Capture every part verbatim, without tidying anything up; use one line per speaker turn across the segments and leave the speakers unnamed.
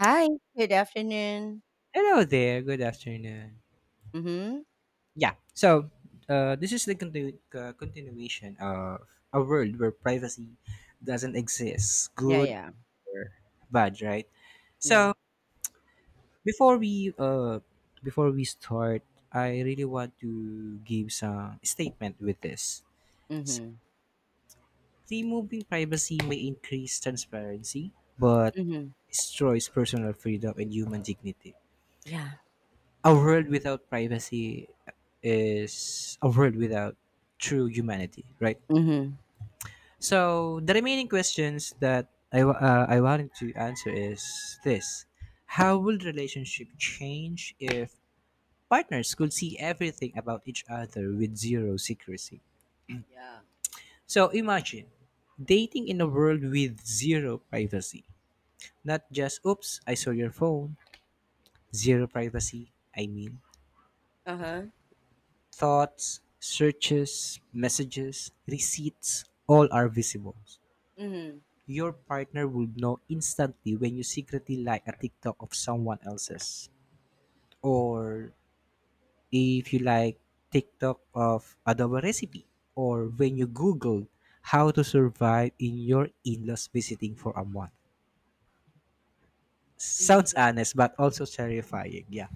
Hi, good afternoon.
Hello there. Good afternoon.
Mhm.
Yeah. So, uh, this is the continu- uh, continuation of a world where privacy doesn't exist,
Yeah,
good
yeah.
or bad, right?
Yeah.
So, Before we uh, before we start, I really want to give some statement with this. So,
Mhm.
removing privacy may increase transparency, but
Mhm.
destroys personal freedom and human dignity.
Yeah.
A world without privacy is a world without true humanity, right?
Mhm.
So the remaining questions that I wa- uh, I wanted to answer is this: how would relationship change if partners could see everything about each other with zero secrecy?
Yeah.
So imagine dating in a world with zero privacy. Not just oops, I saw your phone. Zero privacy. I mean,
Uh-huh.
Thoughts, searches, messages, receipts, all are visible.
Mhm.
Your partner will know instantly when you secretly like a TikTok of someone else's, or if you like TikTok of adobo recipe, or when you Google how to survive in your in-laws visiting for a month.
Mhm.
Sounds
Yeah.
honest, but also terrifying. Yeah,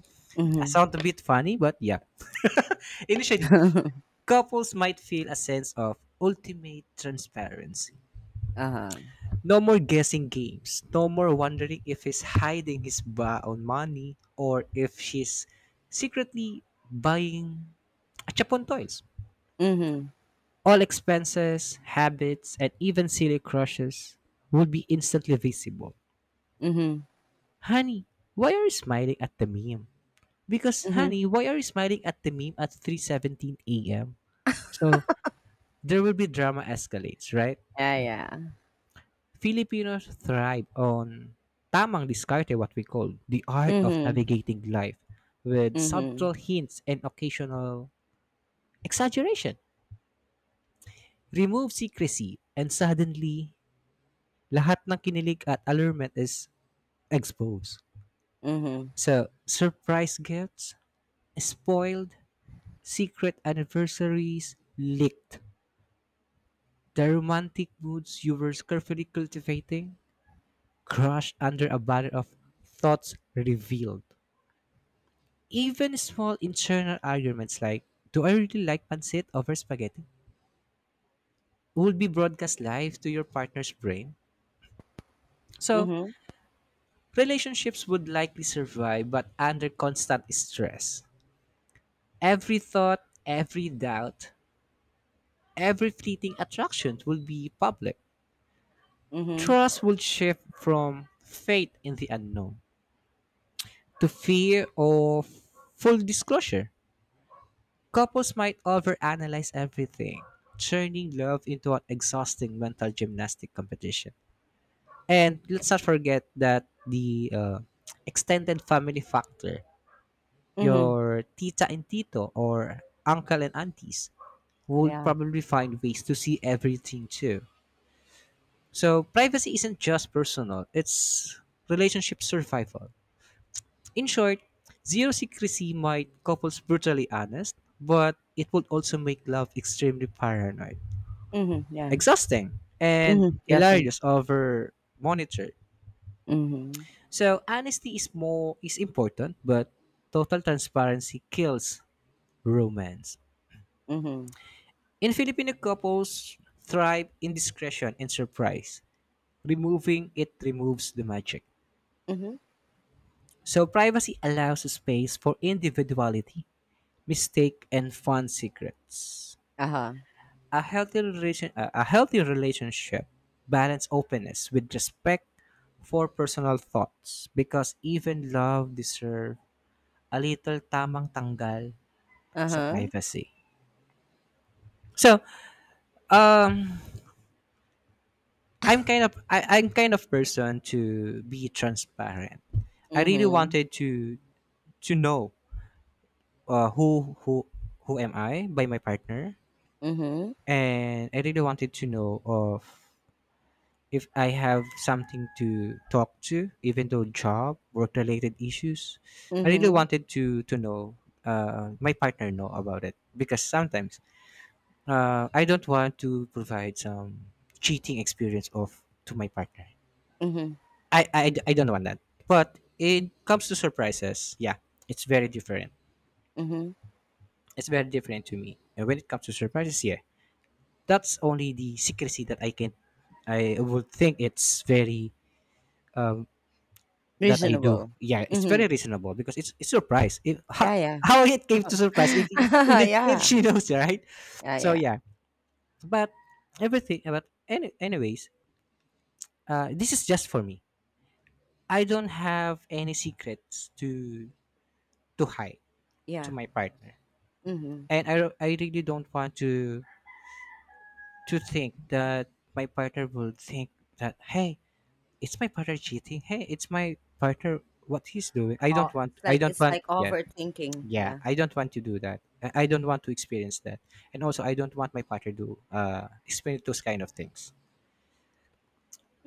I
Mhm.
sound a bit funny, but yeah. Initially, Couples might feel a sense of ultimate transparency.
Uh-huh.
No more guessing games. No more wondering if he's hiding his baon money or if she's secretly buying Chapon toys.
Mhm.
All expenses, habits, and even silly crushes would be instantly visible.
Mhm.
Honey, why are you smiling at the meme? Because,
Mhm.
honey, why are you smiling at the meme at three seventeen a m? So, there will be drama escalates, right?
Yeah, yeah.
Filipinos thrive on tamang diskarte, what we call the art of
Mhm.
navigating life, with subtle
Mhm.
hints and occasional exaggeration. Remove secrecy, and suddenly, lahat ng kinilig at allurement is exposed.
Mhm.
So, surprise gifts, spoiled, secret anniversaries, leaked. The romantic moods you were carefully cultivating, crushed under a banner of thoughts revealed. Even small internal arguments like, do I really like pancit over spaghetti? Would be broadcast live to your partner's brain. So,
Mhm.
relationships would likely survive but under constant stress. Every thought, every doubt, every fleeting attraction will be public.
Mhm.
Trust would shift from faith in the unknown to fear of full disclosure. Couples might overanalyze everything, turning love into an exhausting mental gymnastic competition. And let's not forget that the uh, extended family factor,
Mhm.
your tita and tito or uncle and aunties would
Yeah.
probably find ways to see everything too. So privacy isn't just personal, it's relationship survival. In short, zero secrecy might couples brutally honest, but it would also make love extremely paranoid,
Mhm. Yeah.
exhausting and
Mhm. Definitely.
hilarious over monitored.
Mhm.
So honesty is more is important, but total transparency kills romance.
Mhm.
In Filipino couples thrive in discretion and surprise. Removing it removes the magic.
Mhm.
So privacy allows space for individuality, mistake, and fun secrets.
Uh-huh.
A healthy relation, uh, a healthy relationship balance openness with respect for personal thoughts because even love deserve a little tamang tanggal sa
Uh-huh.
privacy. So, um, I'm kind of I, I'm kind of person to be transparent. I really
Mhm.
wanted to to know uh, who who who am I by my partner,
Mhm.
and I really wanted to know of if I have something to talk to, even though job, work related issues, I really
Mhm.
wanted to to know, uh, my partner know about it because sometimes uh, I don't want to provide some cheating experience of to my partner.
Mhm.
I, I I don't want that. But it comes to surprises, yeah, it's very different.
Mhm.
It's very different to me. And when it comes to surprises, yeah, that's only the secrecy that I can. I would think it's very uh, that I do.
Reasonable.
Yeah, it's very
Mhm.
reasonable because it's it's surprise. If how,
Yeah,
how it came to surprise
yeah.
if if, if
Yeah.
she knows, right?
Yeah,
So
yeah.
yeah, but everything. But any, anyways, uh, this is just for me. I don't have any secrets to to hide to
Yeah.
my partner,
Mhm.
and I ro- I really don't want to to think that my partner will think that hey, it's my partner cheating. Hey, it's my partner what he's doing. I
Oh,
don't want.
it's
I
like
don't
it's
want.
like
Yeah.
overthinking.
Yeah,
Yeah.
I don't want to do that. I I don't want to experience that, and also I don't want my partner to uh, experience those kind of things.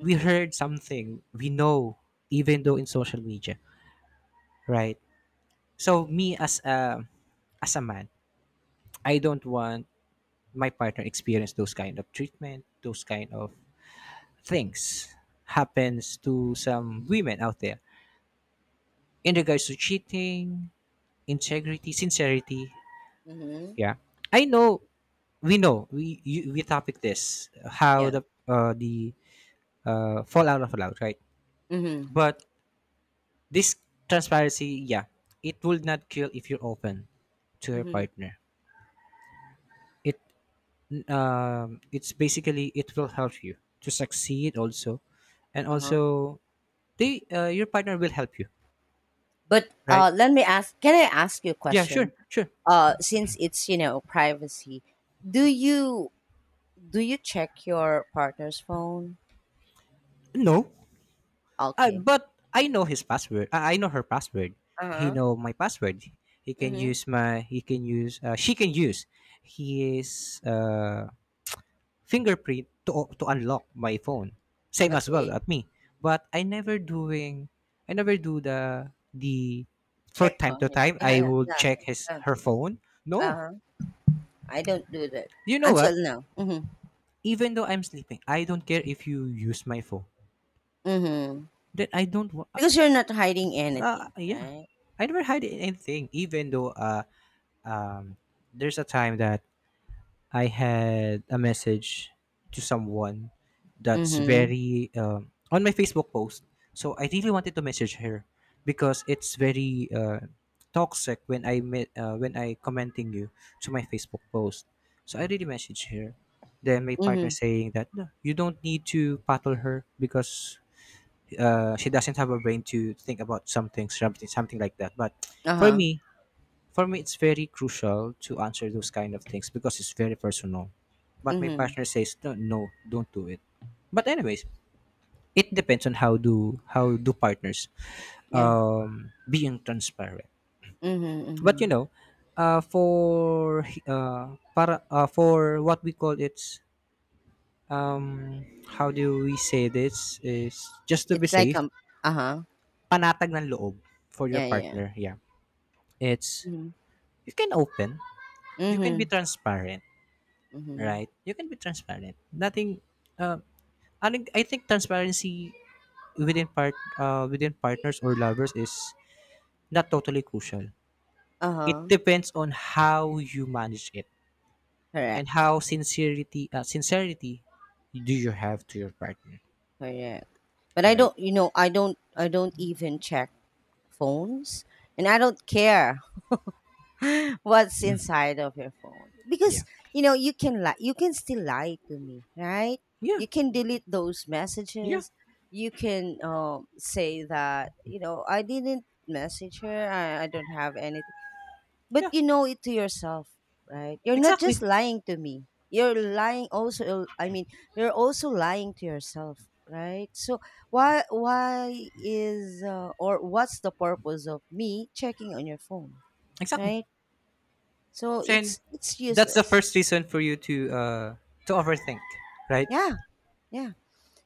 We heard something we know, even though in social media, right? So me as a as a man, I don't want my partner experience those kind of treatment, those kind of things happens to some women out there in regards to cheating, integrity, sincerity.
Mhm.
Yeah, I know. We know. We you, we topic this how
Yeah.
the uh, the uh, fallout of fallout, right?
Mhm.
But this transparency, yeah, it will not kill if you're open to your
Mhm.
partner. It, um, it's basically it will help you to succeed also, and
Uh-huh.
also they uh, your partner will help you,
But
right?
uh let me ask can I ask you a
Yeah,
question?
sure, sure.
Uh since it's, you know, privacy, do you do you check your partner's phone?
No, Uh,
Okay.
but I know his password. Uh, I know her password. He
Uh-huh.
know my password. He can
Mhm.
use my. He can use. Uh, she can use his uh, fingerprint to to unlock my phone. Same as well
Okay.
at me. But I never doing. I never do the the. For
Check
time to
on it.
time,
Yeah,
I
yeah,
will
yeah.
check his
Yeah.
her phone. No,
Uh-huh. I don't do that
you know
until
what?
now. Mhm.
Even though I'm sleeping, I don't care if you use my phone.
Mhm.
That I don't. Wa-
Because you're not hiding
Uh,
anything,
yeah,
right?
I never had anything, even though uh, um, there's a time that I had a message to someone that's
Mhm,
very um, on my Facebook post. So I really wanted to message her because it's very uh, toxic when I met uh, when I commenting you to my Facebook post. So I really messaged her. Then my partner
mhm,
saying that no, you don't need to battle her because, uh, she doesn't have a brain to think about something something something like that. But for
uh-huh,
me for me it's very crucial to answer those kind of things because it's very personal, but my
mhm,
partner says no, no don't do it. But anyways, it depends on how do how do partners,
yeah,
um being transparent.
mhm,
But you
mhm.
know, uh for uh para uh, for what we call, it's, um how do we say, this is just to be
It's like,
safe,
um uh-huh,
panatag ng loob for your
yeah, yeah,
partner, yeah. It's
mhm,
you can open, you can be
mhm,
transparent,
mhm,
right? You can be transparent. Nothing. Uh, I think I think transparency within part uh, within partners or lovers is not totally crucial. It
uh-huh,
depends on how you manage it and
correct,
how sincerity uh, sincerity do you have to your partner,
correct. But I
right?
don't, you know, I don't I don't even check phones, and I don't care what's inside of your phone,
Yeah,
because you know you can lie. You can still lie to me, right?
yeah,
You can delete those
yeah,
messages. You can um, say that you know I didn't message her. I, I don't have anything, but
yeah.
you know it to yourself, right? You're not
Exactly,
just lying to me, you're lying also. I mean, you're also lying to yourself, right? So why why is uh, or what's the purpose of me checking on your phone,
exactly.
right? So
So
it's it's
that's the
useless.
first reason for you to uh to overthink, right?
Yeah, yeah.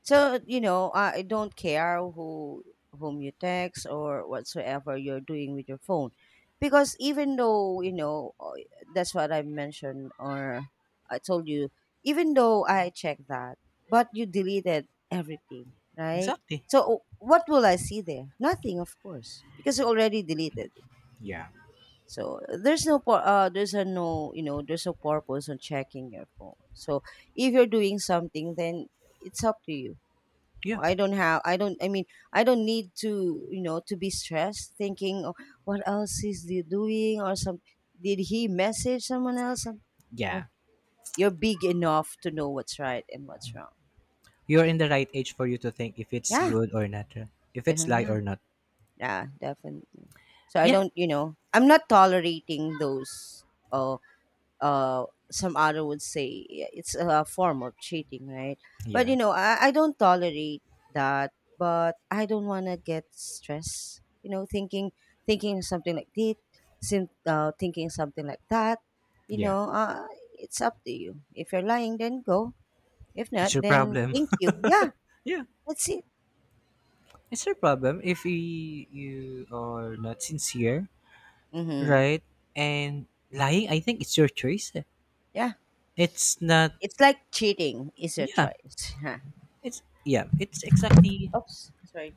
So you know, uh, I don't care who whom you text or whatsoever you're doing with your phone, because even though you know uh, that's what I mentioned, or I told you, even though I checked that, but you deleted everything, right?
Exactly.
So what will I see there? Nothing, of course, because you already deleted.
Yeah.
So there's no pur- uh there's a no you know there's no purpose on checking your phone. So if you're doing something, then it's up to you.
Yeah.
I don't have I don't, I mean, I don't need to you know to be stressed thinking, oh, what else is he doing? Or some did he message someone else? Some- Oh,
Yeah.
you're big enough to know what's right and what's wrong.
You're in the right age for you to think if it's
Yeah,
good or not. uh, If
yeah,
it's lie
yeah,
or not.
yeah, definitely. So I
Yeah.
don't, you know I'm not tolerating those, uh, uh, some other would say, yeah, it's a form of cheating, right? But
Yeah.
you know, I, I don't tolerate that, but I don't want to get stressed, you know, thinking thinking something like this, sim- uh, thinking something like that, you
Yeah.
know, uh, it's up to you. If you're lying, then go. If
It's
not,
your
then
problem.
thank you. Yeah,
Yeah.
that's it.
It's your problem if you, you are not sincere,
Mm-hmm.
right? And lying, I think it's your choice. Eh.
Yeah,
It's not
it's like cheating is your
yeah.
choice.
It's yeah, it's exactly
Huh. Oops, sorry.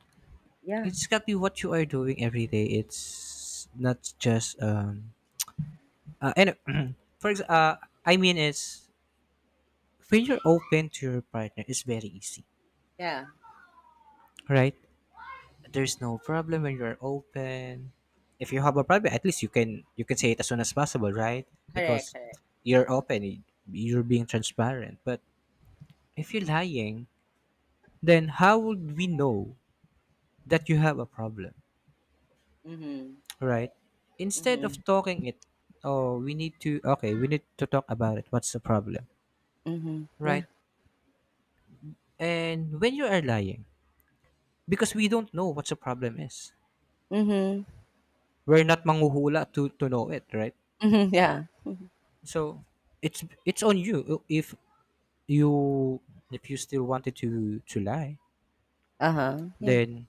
Yeah,
it's exactly what you are doing every day. It's not just um uh, and for ex- uh I mean it's when you're open to your partner it's very easy,
yeah,
right? There's no problem when you're open. If you have a problem, at least you can you can say it as soon as possible, right?
correct,
Because
correct.
you're open, you're being transparent. But if you're lying, then how would we know that you have a problem,
Mm-hmm.
right? Instead of
Mm-hmm.
talking it, oh we need to, okay we need to talk about it, what's the problem,
Mhm. Yeah.
right? And when you are lying, because we don't know what the problem is,
Mhm.
we're not manguhula to to know it, right?
Mhm. Yeah.
So it's it's on you if you, if you still wanted to to lie,
Uh-huh. Yeah.
then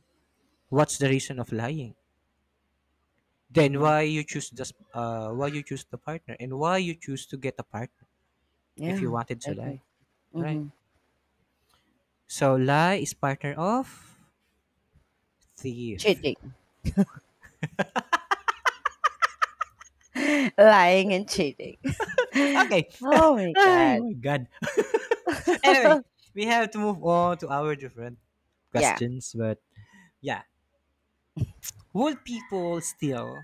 what's the reason of lying? Then
Mhm.
why you choose this, uh why you choose the partner, and why you choose to get a partner if you
Yeah.
wanted to
Definitely.
lie, right?
Mhm.
So lie is partner of thief.
Cheating. Lying and cheating.
Okay.
Oh my
Oh
god.
my god. Anyway, we have to move on to our different
Yeah.
questions, but yeah, would people still,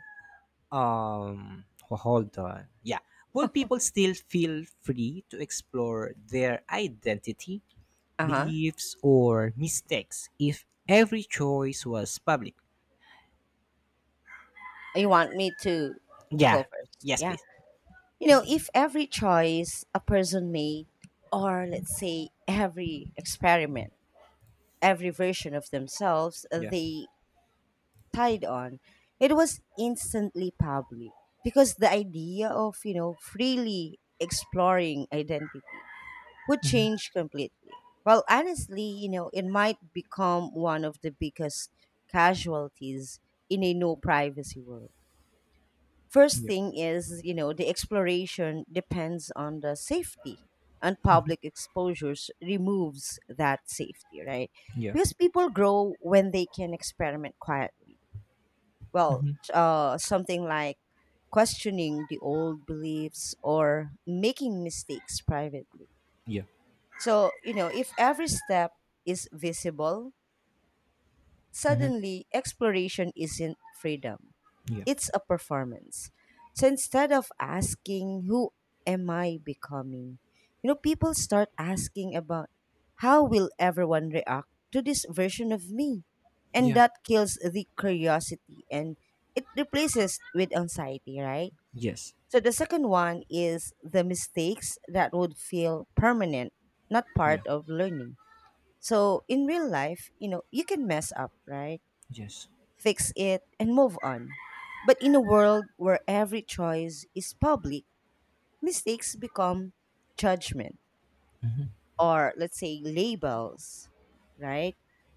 um ho- hold on, yeah, will people still feel free to explore their identity,
Uh-huh.
beliefs or mistakes if every choice was public?
You want me to
Yeah,
go first?
yes
Yeah.
please.
You know, if every choice a person made, or let's say every experiment, every version of themselves
Yeah,
they tied on, it was instantly public, because the idea of, you know, freely exploring identity would change completely. Well, honestly, you know, it might become one of the biggest casualties in a no privacy world. First
yeah,
thing is, you know, the exploration depends on the safety, and public exposures removes that safety, right?
yeah,
Because people grow when they can experiment quietly, well, uh, something like questioning the old beliefs or making mistakes privately,
yeah,
so you know if every step is visible.
mm-hmm.
Suddenly, exploration isn't freedom,
Yeah,
it's a performance. So instead of asking, who am I becoming? You know, people start asking about how will everyone react to this version of me? And
yeah,
that kills the curiosity, and it replaces with anxiety, right?
yes,
So the second one is the mistakes that would feel permanent, not part
yeah,
of learning. So in real life, you know, you can mess up, right?
yes,
Fix it, and move on. But in a world where every choice is public, mistakes become judgment, or, let's say, labels, right?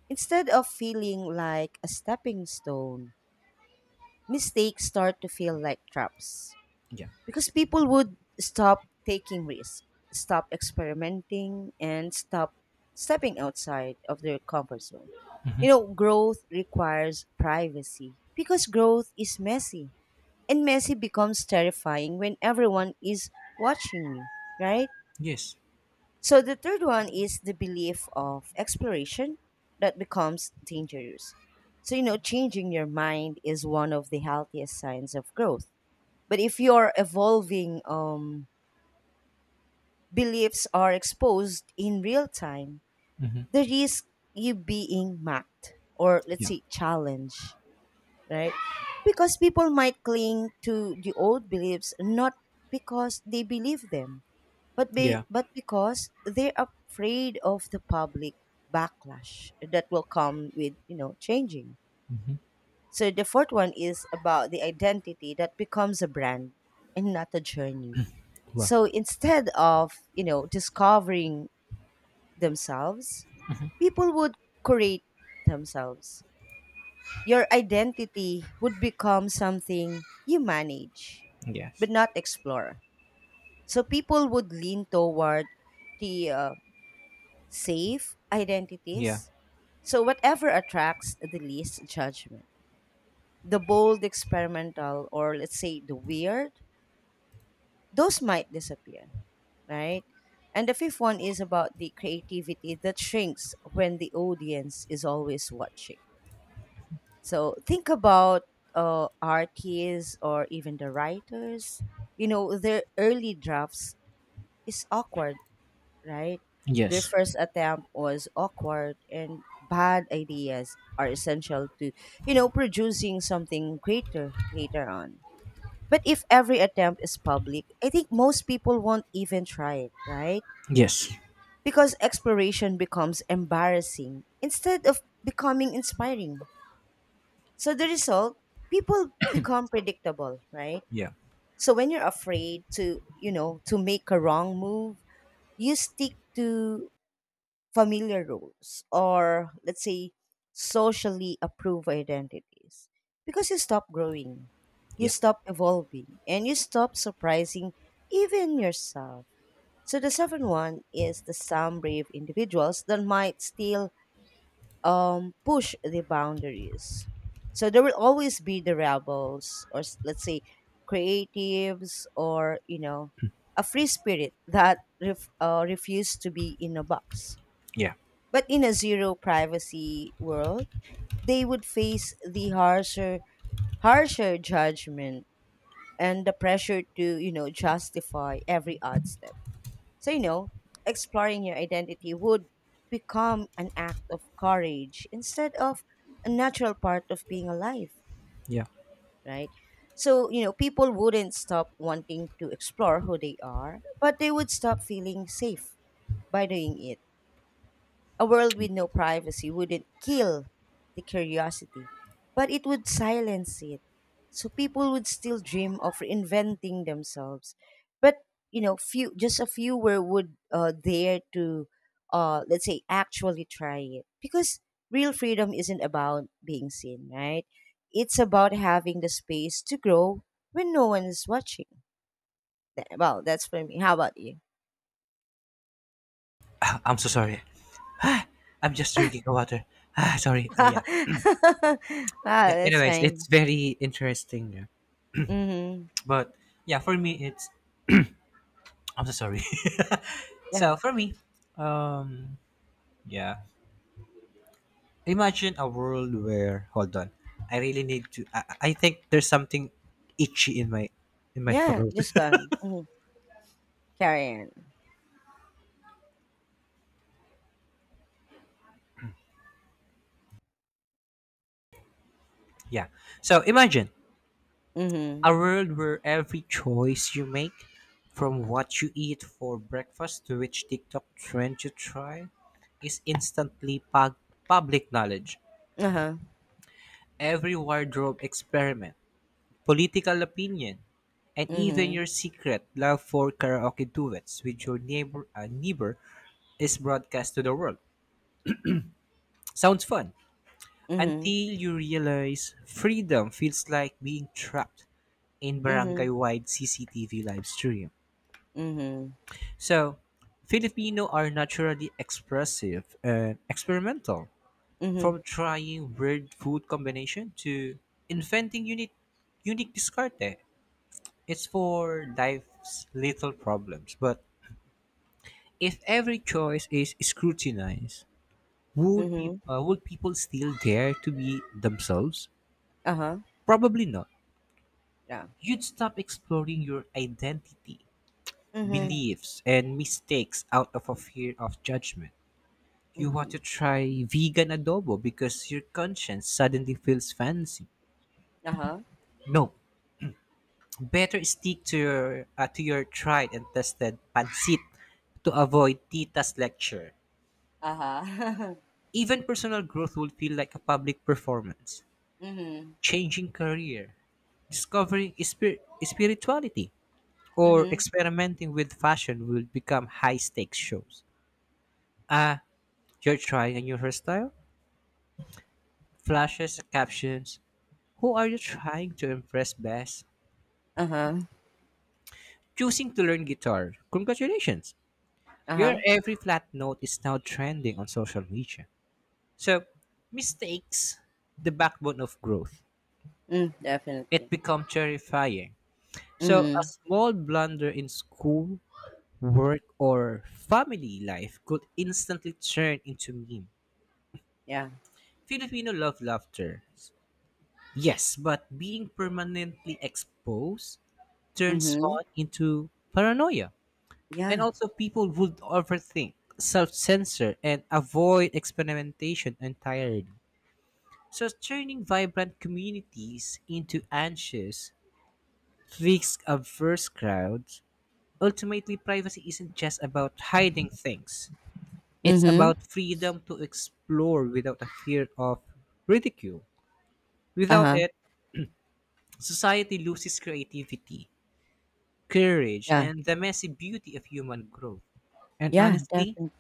Instead of feeling like a stepping stone, mistakes start to feel like traps,
yeah,
because people would stop taking risks, stop experimenting, and stop stepping outside of their comfort zone. You know, growth requires privacy, because growth is messy, and messy becomes terrifying when everyone is watching you, right?
yes,
So the third one is the belief of exploration that becomes dangerous. So you know, changing your mind is one of the healthiest signs of growth. But if your evolving um, beliefs are exposed in real time,
mm-hmm.
the risk you being mocked, or let's
Yeah,
say challenged, right? Because people might cling to the old beliefs not because they believe them, but
yeah,
be, but because they're afraid of the public backlash that will come with, you know, changing. So the fourth one is about the identity that becomes a brand and not a journey.
well,
So instead of, you know, discovering themselves, people would create themselves. Your identity would become something you manage,
yes,
but not explore. So people would lean toward the uh, safe
yeah,
identities. So whatever attracts the least judgment, the bold, experimental, or let's say the weird, those might disappear, right? And the fifth one is about the creativity that shrinks when the audience is always watching. So think about uh, artists, or even the writers. You know, their early drafts is awkward, right? Their
yes,
first attempt was awkward, and bad ideas are essential to, you know, producing something greater later on. But if every attempt is public, I think most people won't even try it, right?
yes,
Because exploration becomes embarrassing instead of becoming inspiring. So the result, people become predictable, right?
yeah,
So when you're afraid to, you know, to make a wrong move, you stick to familiar rules, or let's say socially approved identities, because you stop growing, you
yeah,
stop evolving, and you stop surprising even yourself. So the seventh one is the some brave individuals that might still um, push the boundaries. So there will always be the rebels, or s- let's say creatives, or you know, a free spirit that ref, uh, refuse to be in a box.
yeah,
But in a zero privacy world, they would face the harsher, harsher judgment and the pressure to you know justify every odd step. So, you know, exploring your identity would become an act of courage instead of a natural part of being alive,
yeah.
right? So, you know, people wouldn't stop wanting to explore who they are, but they would stop feeling safe by doing it. A world with no privacy wouldn't kill the curiosity, but it would silence it. So people would still dream of reinventing themselves, but you know, few just a few were would uh, dare to, uh, let's say, actually try it, because real freedom isn't about being seen, right? It's about having the space to grow when no one is watching. Th- Well, that's for me. How about you?
Ah, I'm so sorry. Ah, I'm just drinking water. Ah, sorry. Uh, yeah.
Wow,
Yeah.
that's
Anyways, it's
fine.
very interesting. Yeah.
Mm-hmm.
But yeah, for me, it's. I'm so sorry.
Yeah.
So for me, um, yeah. Imagine a world where. Hold on. I really need to. I, I think there's something itchy in my in my
Yeah,
throat.
just gone. Mhm. Carry on.
Yeah. So imagine a
Mhm.
world where every choice you make, from what you eat for breakfast to which TikTok trend you try, is instantly pub- public knowledge.
Uh-huh.
Every wardrobe experiment, political opinion, and even your
Mhm.
secret love for karaoke duets with your neighbor, uh, neighbor is broadcast to the world. Sounds fun. Until
Mhm.
you realize freedom feels like being trapped in barangay
Mhm.
wide C C T V live stream.
Mhm.
So, Filipino are naturally expressive and experimental,
Mhm.
from trying weird food combination to inventing unique unique discarte. It's for life's little problems, but if every choice is scrutinized, would pe-
Mhm.
uh, would people still dare to be themselves?
Uh-huh.
Probably not.
Yeah.
You'd stop exploring your identity,
Mhm.
beliefs, and mistakes out of a fear of judgment. You want to
Mhm.
try vegan adobo because your conscience suddenly feels fancy.
Uh-huh.
No, better stick to your uh, to your tried and tested pancit to avoid Tita's lecture.
Uh-huh.
Even personal growth would feel like a public performance.
Mhm.
Changing career, discovering spir- spirituality, or
Mhm.
experimenting with fashion will become high stakes shows. Ah, you're trying a new hairstyle? Flashes, captions. Who are you trying to impress best?
Uh-huh.
Choosing to learn guitar. Congratulations! Your
Uh-huh.
every flat note is now trending on social media. So, mistakes, the backbone of growth.
Mm,
It
definitely.
become terrifying. So, a
Mhm.
small blunder in school, work, or family life could instantly turn into meme.
Yeah.
Filipino love laughter. Yes, but being permanently exposed turns
Mhm.
fun into paranoia. And
Yeah.
also, people would overthink, self censor, and avoid experimentation entirely. So, turning vibrant communities into anxious, risk averse crowds, ultimately, privacy isn't just about hiding things, it's
Mhm.
about freedom to explore without a fear of ridicule. Without
Uh-huh.
it, society loses creativity, courage,
Yeah.
and the messy beauty of human growth. And
Yeah,
honestly,
definitely.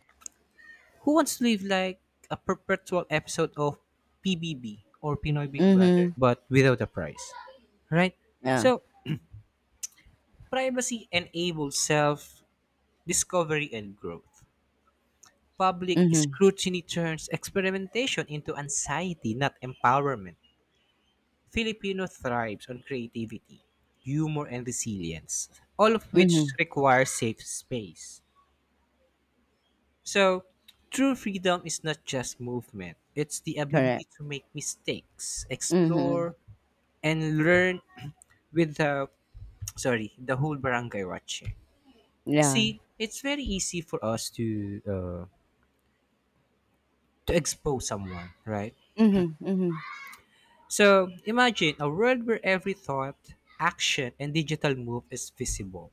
who wants to live like a perpetual episode of P B B or Pinoy Big Brother,
Mhm.
but without a prize? Right?
Yeah.
So, privacy enables self discovery and growth. Public
Mhm.
scrutiny turns experimentation into anxiety, not empowerment. Filipino thrives on creativity, humor, and resilience, all of which
Mhm.
require safe space. So, true freedom is not just movement, it's the ability
Correct.
to make mistakes,
Mhm.
explore, and learn with the sorry, the whole barangay watching.
Yeah.
See, it's very easy for us to uh, to expose someone, right?
Mhm. Mhm.
So, imagine a world where every thought, action, and digital move is visible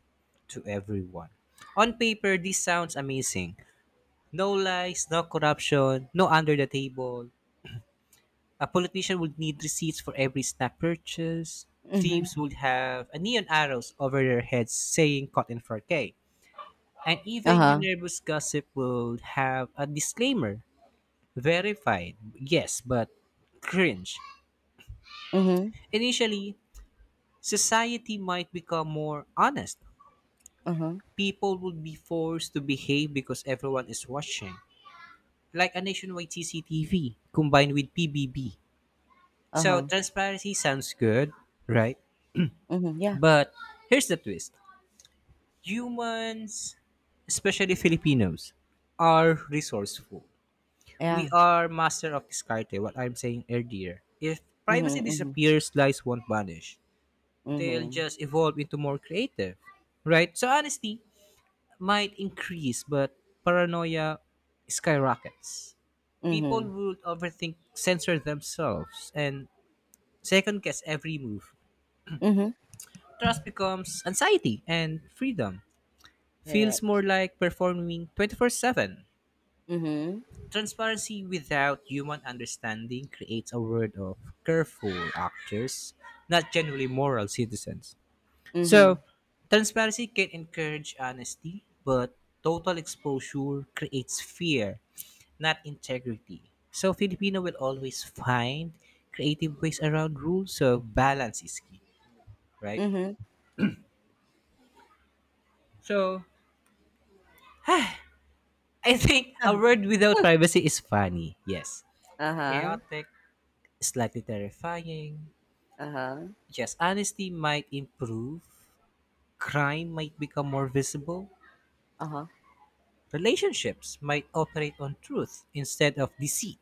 to everyone. On paper, this sounds amazing. No lies, no corruption, no under the table. A politician would need receipts for every snack purchase.
Mhm.
Thieves would have a neon arrows over their heads saying caught in four K. And even your
Uh-huh.
nervous gossip would have a disclaimer. Verified, yes, but cringe.
Mhm.
Initially, society might become more honest.
Uh-huh.
People would be forced to behave because everyone is watching, like a nationwide C C T V combined with P B B. So
Uh-huh.
transparency sounds good, right?
Mhm, yeah,
But here's the twist humans, especially Filipinos, are resourceful. We
yeah.
are master of discarte, what I'm saying earlier. If
Mhm,
privacy
mhm,
disappears, lies won't vanish. They'll
mhm,
just evolve into more creative, right? So honesty might increase, but paranoia skyrockets. People
mhm,
would overthink, censor themselves, and second guess every move.
mhm.
Trust becomes anxiety and freedom. Feels
Correct.
more like performing twenty four seven.
Mhm,
Transparency without human understanding creates a world of careful actors, not generally moral citizens. So,
mhm,
transparency can encourage honesty, but total exposure creates fear, not integrity. So, Filipino will always find creative ways around rules, so balance is key, right?
mhm.
So, I think
Huh,
a word without
huh.
privacy is funny. Yes.
Uh-huh,
Chaotic, slightly terrifying.
uh-huh,
Yes, honesty might improve. Crime might become more visible.
uh-huh,
Relationships might operate on truth instead of deceit.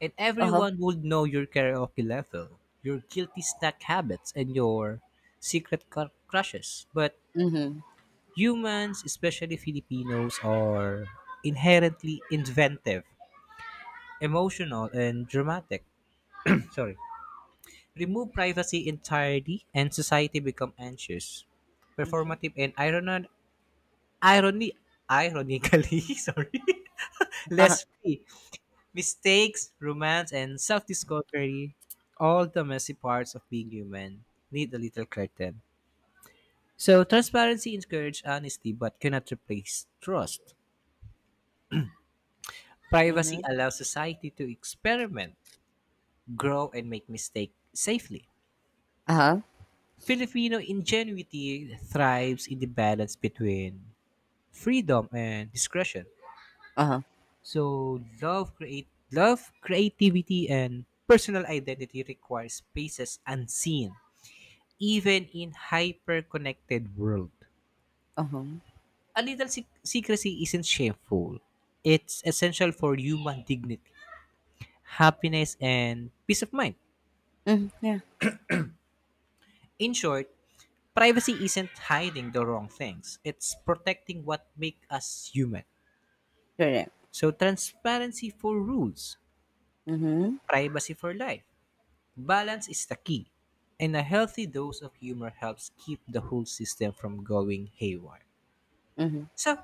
And
uh-huh.
everyone would know your karaoke level, your guilty snack habits, and your secret cr- crushes. But
Mhm,
humans, especially Filipinos, are inherently inventive, emotional, and dramatic. Sorry. Remove privacy entirely and society become anxious
mhm,
performative and irony irony ironically sorry
uh-huh,
less free mistakes romance and self-discovery all the messy parts of being human need a little curtain so transparency encourages honesty but cannot replace trust privacy
mhm,
allows society to experiment grow and make mistakes safely
uh-huh,
Filipino ingenuity thrives in the balance between freedom and discretion.
uh-huh,
So love create love, creativity and personal identity require spaces unseen, even in hyper-connected world.
uh-huh.
A little sec- secrecy isn't shameful. It's essential for human dignity, happiness, and peace of mind.
Mhm, yeah,
In short, privacy isn't hiding the wrong things. It's protecting what makes us human.
correct.
So, transparency for rules,
Mhm,
privacy for life. Balance is the key. And a healthy dose of humor helps keep the whole system from going haywire.
mhm.
So,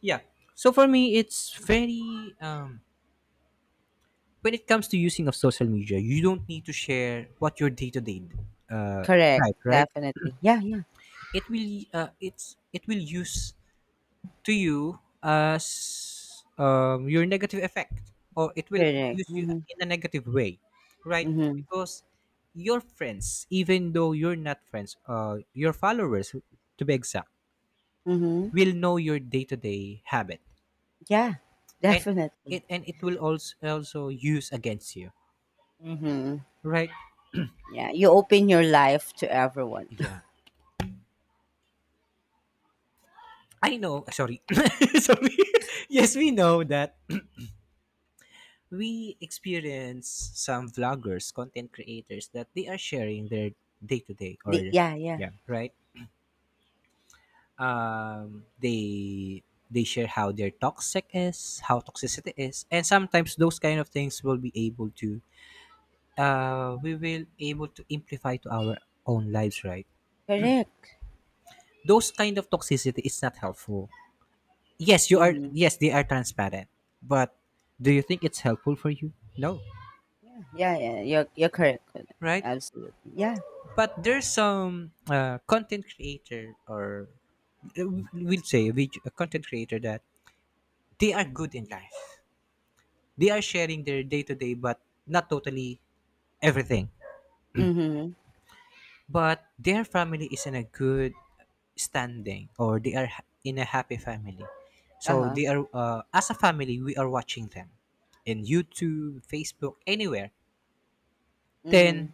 yeah. So for me, it's very um, when it comes to using of social media, you don't need to share what your day to day uh
Correct,
life, right?
definitely. Yeah, yeah,
It will uh, it's it will use to you as um, your negative effect or it will
correct.
use you
Mhm,
in a negative way right
mhm,
because your friends even though you're not friends uh, your followers to be exact
mhm.
will know your day-to-day habit
Yeah,
and
definitely.
it and it will also also use against you
Mhm.
right
Yeah, you open your life to everyone.
yeah I know sorry sorry yes we know that we experience some vloggers, content creators that they are sharing their day to day
The
or
yeah, yeah.
yeah. Right? Um, they they share how their toxic is, how toxicity is, and sometimes those kind of things will be able to uh we will able to amplify to our own lives, right?
Correct.
Those kind of toxicity is not helpful. Yes, you are
Mhm.
yes, they are transparent. But do you think it's helpful for you? No,
Yeah, yeah, yeah. You're you're correct. Correct.
right?
Absolutely. Yeah.
But there's some uh, content creator or uh, we'll say a, vid- a content creator that they are good in life they are sharing their day to day but not totally everything
Mhm.
but their family is in a good standing or they are ha- in a happy family so
Uh-huh.
they are uh, as a family we are watching them in youtube facebook anywhere. Then,
Mhm.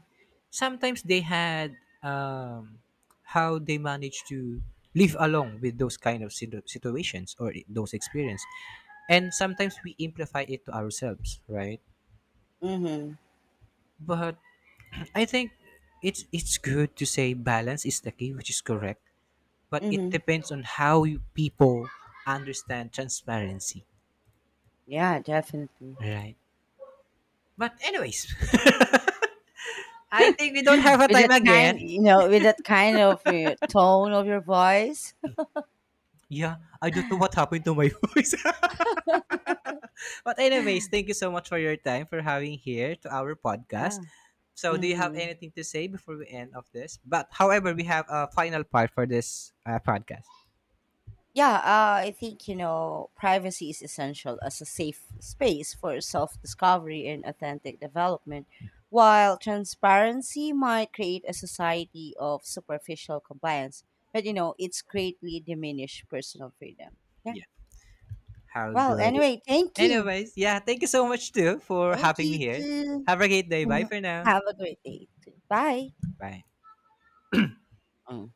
sometimes they had, um, how they manage to live along with those kind of situ- situations or i- those experience. And sometimes we amplify it to ourselves, right?
Mhm.
But I think it's it's good to say balance is the key, which is correct. But it
Mhm.
depends on how you people understand transparency,
Yeah, definitely.
right? But anyways, I think we don't have a
With
time
that kind,
again.
you know, with that kind of uh, tone of your voice.
Yeah, I don't know what happened to my voice. But anyways, thank you so much for your time for having here to our podcast.
Yeah.
So do you have
Mhm.
anything to say before we end of this? But however, we have a final part for this uh, podcast.
Yeah, uh, I think, you know, privacy is essential as a safe space for self-discovery and authentic development, while transparency might create a society of superficial compliance, but you know, it's greatly diminished personal freedom. Yeah.
Yeah. How
Well,
good. Is-
anyway, thank
that?
you.
Anyways, yeah, thank you so much too for
Thank
having me
you
here.
too.
Have a great day. Bye
Mhm.
for now.
Have a great day too. Bye.
Bye.
Oh.